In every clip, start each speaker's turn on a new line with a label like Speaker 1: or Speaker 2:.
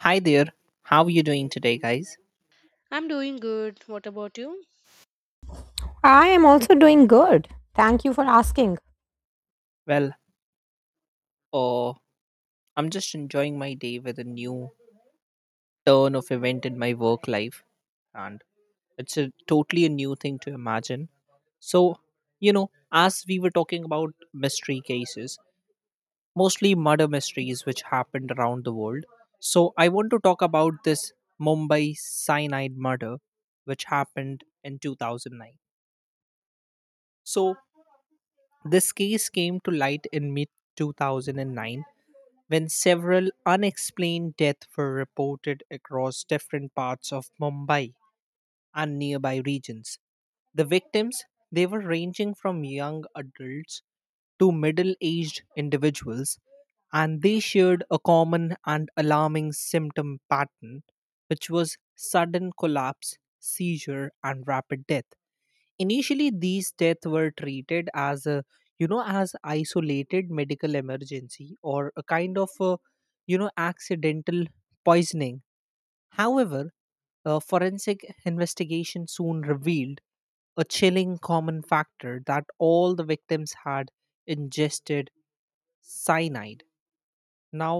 Speaker 1: Hi there. How are you doing today, guys?
Speaker 2: I'm doing good. What about you?
Speaker 3: I am also doing good. Thank you for asking.
Speaker 1: Well, uh, I'm just enjoying my day with a new turn of event in my work life, and it's a totally a new thing to imagine. So, you know, as we were talking about mystery cases, mostly murder mysteries which happened around the world. So, I want to talk about this Mumbai cyanide murder, which happened in 2009. So, this case came to light in mid 2009 when several unexplained deaths were reported across different parts of Mumbai and nearby regions. The victims, they were ranging from young adults to middle-aged individuals, and they shared a common and alarming symptom pattern, which was sudden collapse, seizure, and rapid death. Initially, these deaths were treated as a, you know, as isolated medical emergency or a kind of, you know, accidental poisoning. However, a forensic investigation soon revealed a chilling common factor that all the victims had ingested cyanide. Now,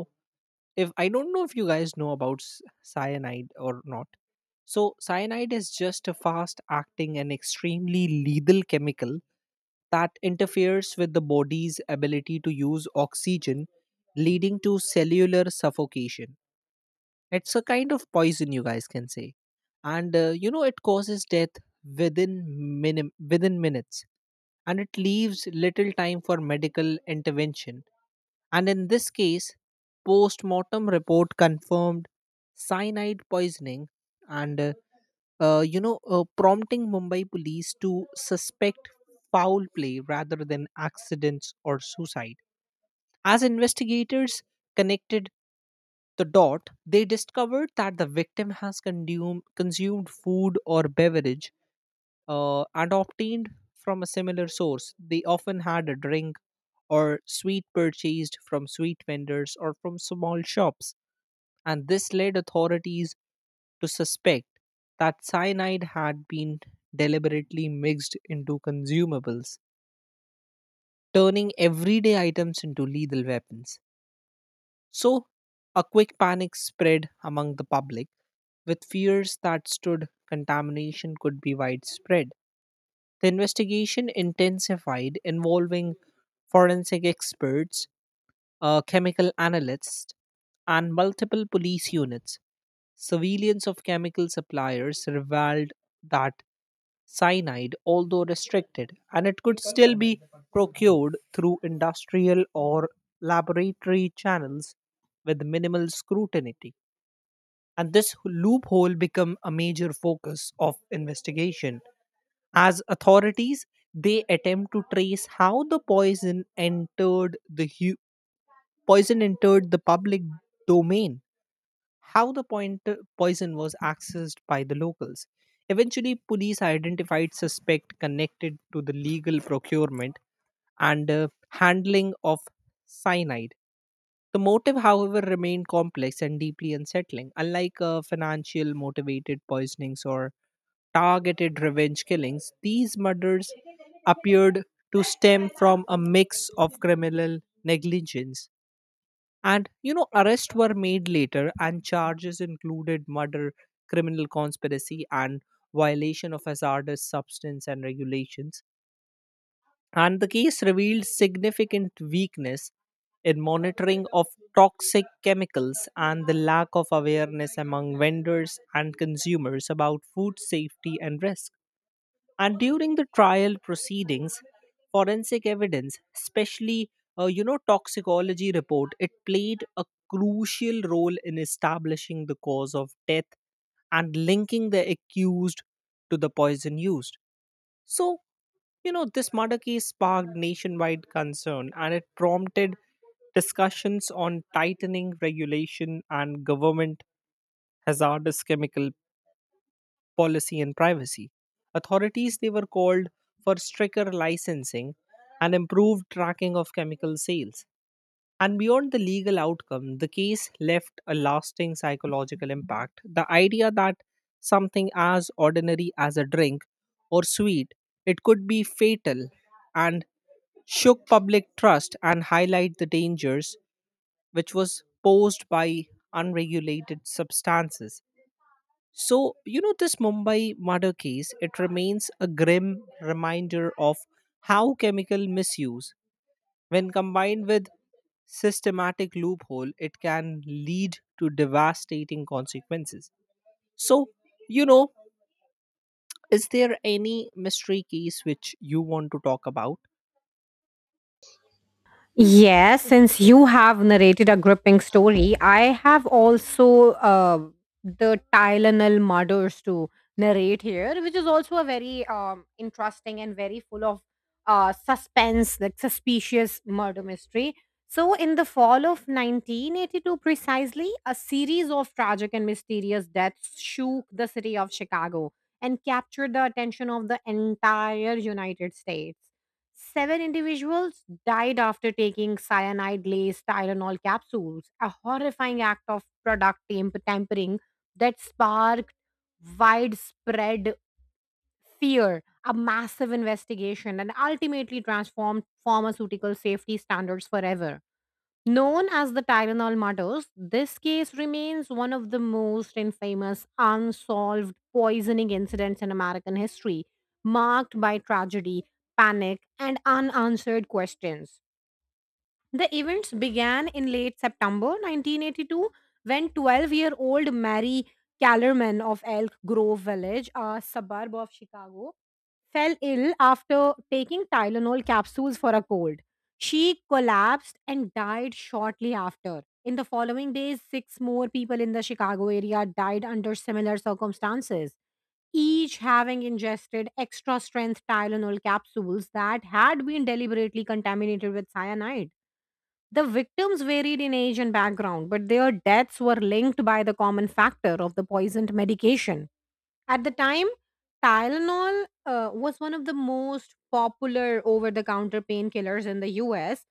Speaker 1: if I don't know if you guys know about cyanide or not, so cyanide is just a fast acting and extremely lethal chemical that interferes with the body's ability to use oxygen, leading to cellular suffocation. It's a kind of poison, you guys can say, and you know, it causes death within within minutes, and it leaves little time for medical intervention. And in this case, post mortem report confirmed cyanide poisoning and, you know, prompting Mumbai police to suspect foul play rather than accidents or suicide. As investigators connected the dot, they discovered that the victim has consumed food or beverage and obtained from a similar source. They often had a drink or sweet purchased from sweet vendors or from small shops. And this led authorities to suspect that cyanide had been deliberately mixed into consumables, turning everyday items into lethal weapons. So, a quick panic spread among the public with fears that stood contamination could be widespread. The investigation intensified, involving forensic experts, a chemical analyst, and multiple police units. Surveillance of chemical suppliers revealed that cyanide, although restricted, and it could still be procured through industrial or laboratory channels with minimal scrutiny. And this loophole became a major focus of investigation. As authorities, they attempt to trace how the poison entered the Poison entered the public domain. How the poison was accessed by the locals. Eventually, police identified suspect connected to the legal procurement and handling of cyanide. The motive, however, remained complex and deeply unsettling. Unlike financial motivated poisonings or targeted revenge killings, these murders appeared to stem from a mix of criminal negligence. And you know, arrests were made later, and charges included murder, criminal conspiracy, and violation of hazardous substance and regulations, and the case revealed significant weakness in monitoring of toxic chemicals and the lack of awareness among vendors and consumers about food safety and risk. And during the trial proceedings, forensic evidence, especially you know, toxicology report, it played a crucial role in establishing the cause of death and linking the accused to the poison used. So, you know, this murder case sparked nationwide concern, and it prompted discussions on tightening regulation and government hazardous chemical policy and privacy. Authorities they were called for stricter licensing and improved tracking of chemical sales. And beyond the legal outcome, the case left a lasting psychological impact. The idea that something as ordinary as a drink or sweet, it could be fatal and shook public trust and highlight the dangers which was posed by unregulated substances. So, you know, this Mumbai murder case, it remains a grim reminder of how chemical misuse, when combined with systematic loophole, it can lead to devastating consequences. So, you know, is there any mystery case which you want to talk about?
Speaker 3: Yes, since you have narrated a gripping story, I have also the Tylenol murders to narrate here, which is also a very interesting and very full of suspense, like suspicious murder mystery. So, in the fall of 1982, precisely, a series of tragic and mysterious deaths shook the city of Chicago and captured the attention of the entire United States. Seven individuals died after taking cyanide laced Tylenol capsules, a horrifying act of product tampering that sparked widespread fear, a massive investigation, and ultimately transformed pharmaceutical safety standards forever. Known as the Tylenol murders, this case remains one of the most infamous unsolved poisoning incidents in American history, marked by tragedy, panic, and unanswered questions. The events began in late September 1982 when 12-year-old Mary Kellerman of Elk Grove Village, a suburb of Chicago, fell ill after taking Tylenol capsules for a cold. She collapsed and died shortly after. In the following days, six more people in the Chicago area died under similar circumstances, each having ingested extra strength Tylenol capsules that had been deliberately contaminated with cyanide. The victims varied in age and background, but their deaths were linked by the common factor of the poisoned medication. At the time, Tylenol was one of the most popular over the counter painkillers in the US.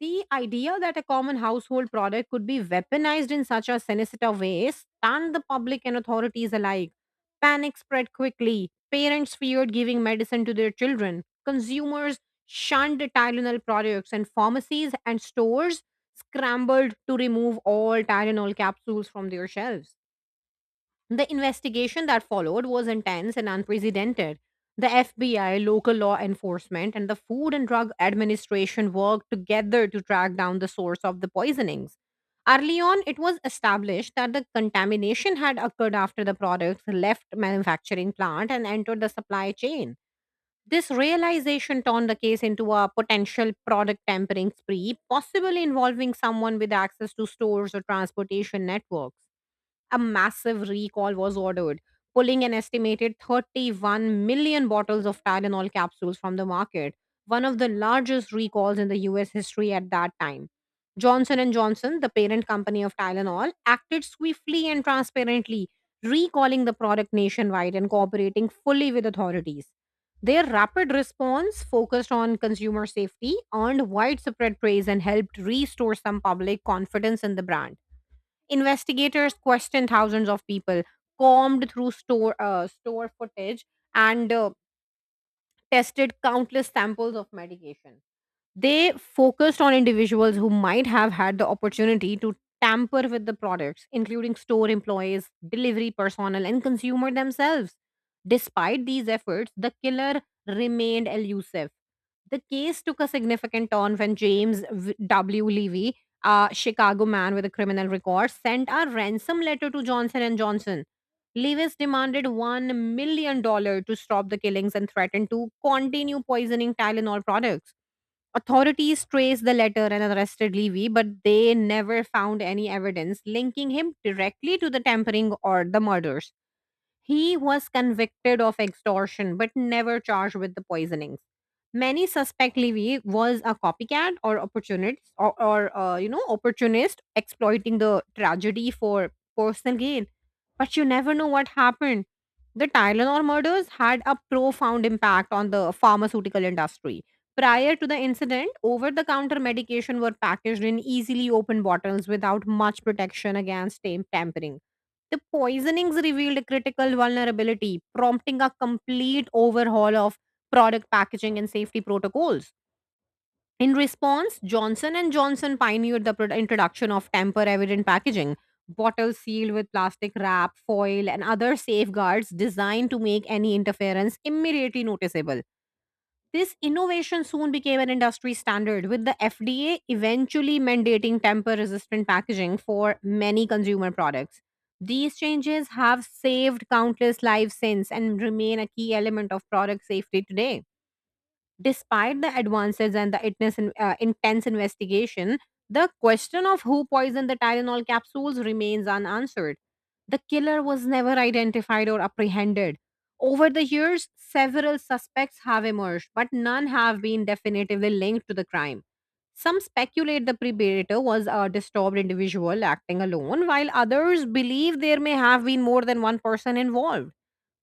Speaker 3: The idea that a common household product could be weaponized in such a sinister way stunned the public and authorities alike. Panic spread quickly. Parents feared giving medicine to their children. Consumers shunned Tylenol products, and pharmacies and stores scrambled to remove all Tylenol capsules from their shelves. The investigation that followed was intense and unprecedented. The FBI, local law enforcement, and the Food and Drug Administration worked together to track down the source of the poisonings. Early on, it was established that the contamination had occurred after the products left manufacturing plant and entered the supply chain. This realization turned the case into a potential product tampering spree, possibly involving someone with access to stores or transportation networks. A massive recall was ordered, pulling an estimated 31 million bottles of Tylenol capsules from the market, one of the largest recalls in the US history at that time. Johnson and Johnson, the parent company of Tylenol, acted swiftly and transparently, recalling the product nationwide and cooperating fully with authorities. Their rapid response, focused on consumer safety, earned widespread praise and helped restore some public confidence in the brand. Investigators questioned thousands of people, combed through store footage, and tested countless samples of medication. They focused on individuals who might have had the opportunity to tamper with the products, including store employees, delivery personnel, and consumer themselves. Despite these efforts, the killer remained elusive. The case took a significant turn when W. Levy, a Chicago man with a criminal record, sent a ransom letter to Johnson and Johnson. Lewis demanded $1 million dollars to stop the killings and threatened to continue poisoning Tylenol products. Authorities traced the letter and arrested Levy, but they never found any evidence linking him directly to the tampering or the murders. He was convicted of extortion but never charged with the poisonings. Many suspect Levy was a copycat or opportunist or opportunist exploiting the tragedy for personal gain. But you never know what happened. The Tylenol murders had a profound impact on the pharmaceutical industry. Prior to the incident, over the counter medication were packaged in easily open bottles without much protection against tampering. The poisonings revealed a critical vulnerability, prompting a complete overhaul of product packaging and safety protocols. In response, Johnson and Johnson pioneered the introduction of tamper-evident packaging, bottles sealed with plastic wrap, foil, and other safeguards designed to make any interference immediately noticeable. This innovation soon became an industry standard, with the FDA eventually mandating tamper resistant packaging for many consumer products. These changes have saved countless lives since and remain a key element of product safety today. Despite the advances and the intense investigation, the question of who poisoned the Tylenol capsules remains unanswered. The killer was never identified or apprehended. Over the years, several suspects have emerged, but none have been definitively linked to the crime. Some speculate the predator was a disturbed individual acting alone, while others believe there may have been more than one person involved.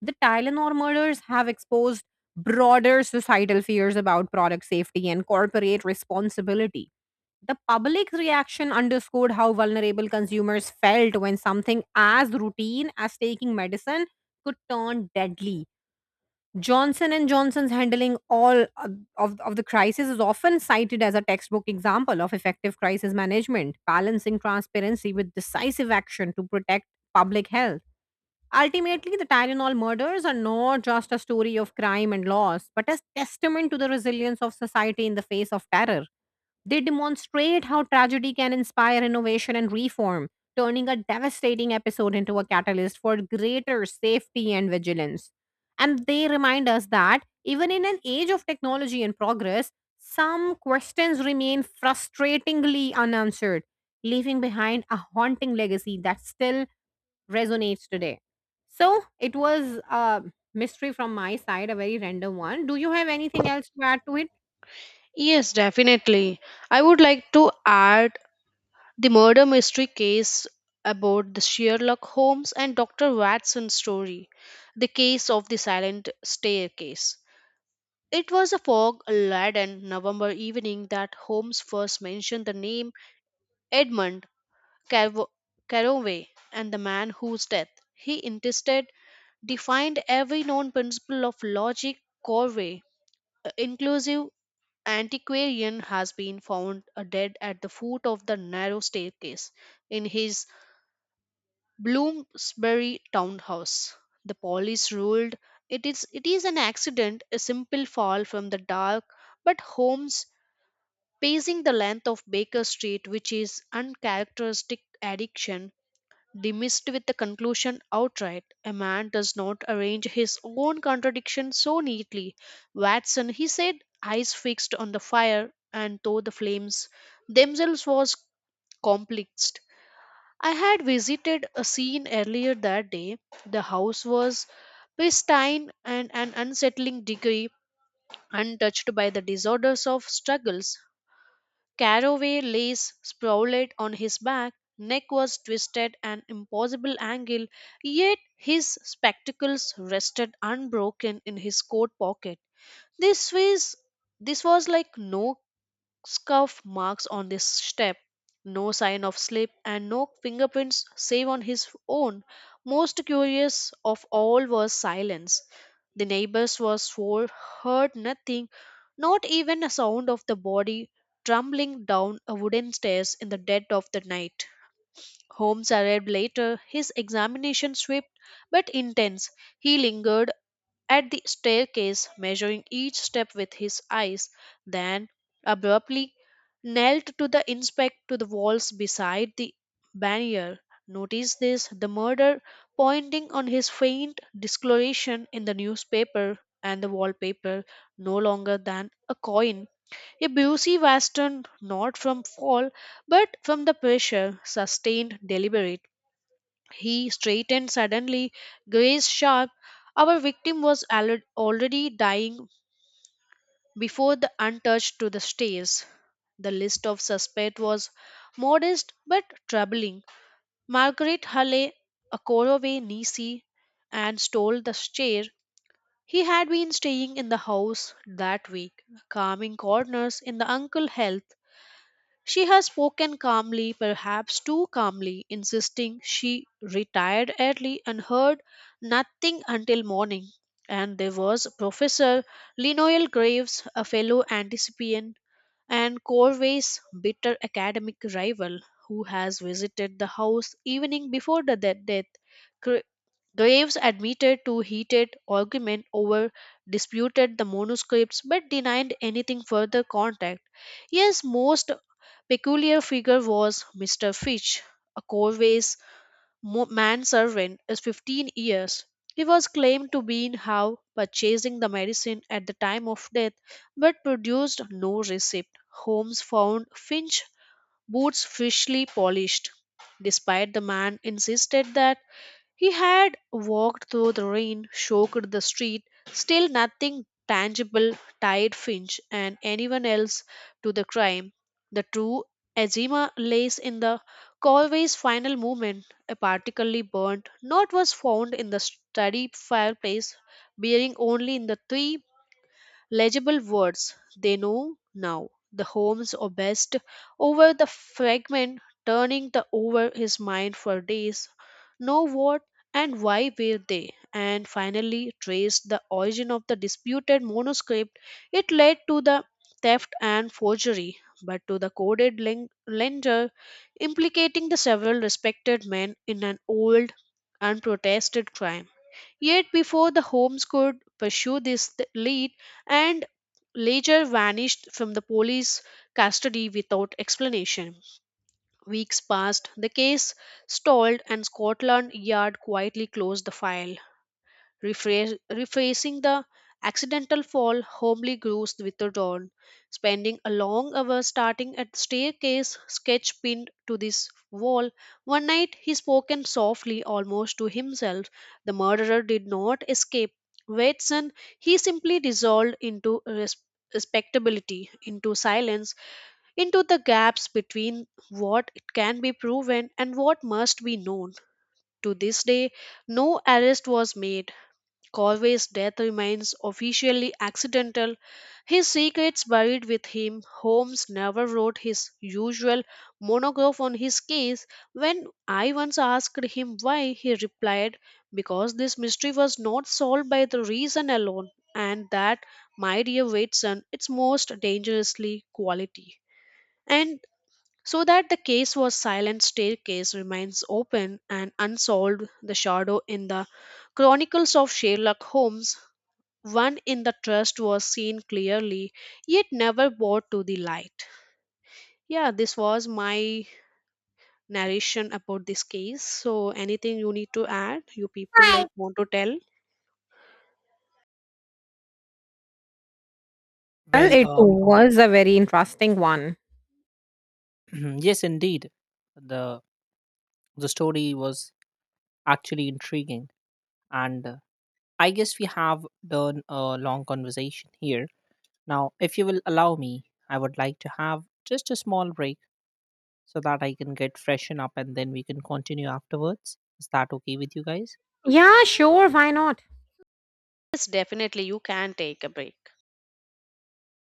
Speaker 3: The Tylenol murders have exposed broader societal fears about product safety and corporate responsibility. The public reaction underscored how vulnerable consumers felt when something as routine as taking medicine could turn deadly. Johnson and Johnson's handling of the crisis is often cited as a textbook example of effective crisis management, balancing transparency with decisive action to protect public health. Ultimately, the Tylenol murders are not just a story of crime and loss, but a testament to the resilience of society in the face of terror. They demonstrate how tragedy can inspire innovation and reform, turning a devastating episode into a catalyst for greater safety and vigilance. And they remind us that even in an age of technology and progress, some questions remain frustratingly unanswered, leaving behind a haunting legacy that still resonates today. So it was a mystery from my side, a very random one. Do you have anything else to add to it?
Speaker 2: Yes, definitely. I would like to add the murder mystery case about the Sherlock Holmes and Dr. Watson story, the case of the silent staircase. It was a fog laden November evening that Holmes first mentioned the name Edmund Carvo- Carroway and the man whose death he insisted defined every known principle of logic. Corway, inclusive antiquarian has been found dead at the foot of the narrow staircase in his Bloomsbury townhouse. The police ruled it is an accident, a simple fall from the dark, but Holmes, pacing the length of Baker Street, which is uncharacteristic addiction, dismissed with the conclusion outright. A man does not arrange his own contradiction so neatly. Watson, he said, eyes fixed on the fire, and though the flames themselves was complex, I had visited a scene earlier that day. The house was pristine and an unsettling degree untouched by the disorders of struggles. Caraway lace sprawled on his back, neck was twisted an impossible angle, yet his spectacles rested unbroken in his coat pocket. This was this was like no scuff marks on this step, no sign of slip, and no fingerprints save on his own. Most curious of all was silence. The neighbors were for heard nothing, not even a sound of the body tumbling down a wooden stairs in the dead of the night. Holmes arrived later. His examination swift but intense. He lingered at the staircase, measuring each step with his eyes, then abruptly knelt to the inspect to the walls beside the barrier. Notice this, the murder, pointing on his faint discoloration in the newspaper and the wallpaper, no longer than a coin. A Busey Western, not from fall, but from the pressure, sustained deliberate. He straightened suddenly, gaze sharp. Our victim was already dying before the untouched to the stairs. The list of suspect was modest but troubling. Margaret Hale, a Koroway niece, and stole the chair. He had been staying in the house that week, calming corners in the uncle health. She has spoken calmly, perhaps too calmly, insisting she retired early and heard nothing until morning. And there was Professor Linoel Graves, a fellow anticipian and Corvey's bitter academic rival, who has visited the house evening before the death. Graves admitted to heated argument over disputed the manuscripts but denied anything further contact. Yes, most peculiar figure was Mr. Fitch, a Corvey's manservant is 15 years. He was claimed to be in how purchasing the medicine at the time of death but produced no receipt. Holmes found Finch boots freshly polished. Despite the man insisted that he had walked through the rain, soaked the street, still nothing tangible tied Finch and anyone else to the crime. The true Azima lays in the Colway's final movement. A partially burnt note was found in the study fireplace, bearing only in the three legible words they know now. The homes or best over the fragment, turning the over his mind for days. Know what and why were they? And finally traced the origin of the disputed manuscript. It led to the theft and forgery, but to the coded lender, implicating the several respected men in an old unprotested crime. Yet, before the Holmes could pursue this lead, and later vanished from the police custody without explanation. Weeks passed, the case stalled, and Scotland Yard quietly closed the file. Rephrasing the accidental fall, Homely grows with the dawn, spending a long hour starting at the staircase, sketch pinned to this wall. One night he spoke and softly, almost to himself. The murderer did not escape. Watson, he simply dissolved into respectability, into silence, into the gaps between what can be proven and what must be known. To this day, no arrest was made. Corvey's death remains officially accidental, his secrets buried with him. Holmes never wrote his usual monograph on his case. When I once asked him why, he replied, "Because this mystery was not solved by the reason alone, and that, my dear Watson, its most dangerously quality." And so that the case was silent staircase remains open and unsolved, the shadow in the Chronicles of Sherlock Holmes, one in the trust was seen clearly, yet never brought to the light. Yeah, this was my narration about this case. So, anything you need to add? You people
Speaker 3: Hi.
Speaker 2: like want to tell?
Speaker 3: Well,
Speaker 1: Well,
Speaker 3: it was a very interesting one.
Speaker 1: yes, indeed. The the story was actually intriguing, and I guess we have done a long conversation here. Now, if you will allow me, I would like to have just a small break so that I can get freshen up, and then we can continue afterwards. Is that okay with you guys?
Speaker 3: Yeah, sure. Why not?
Speaker 2: Yes, definitely. You can take a break.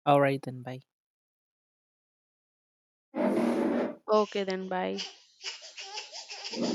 Speaker 1: All right, then, bye.
Speaker 2: Okay, then bye.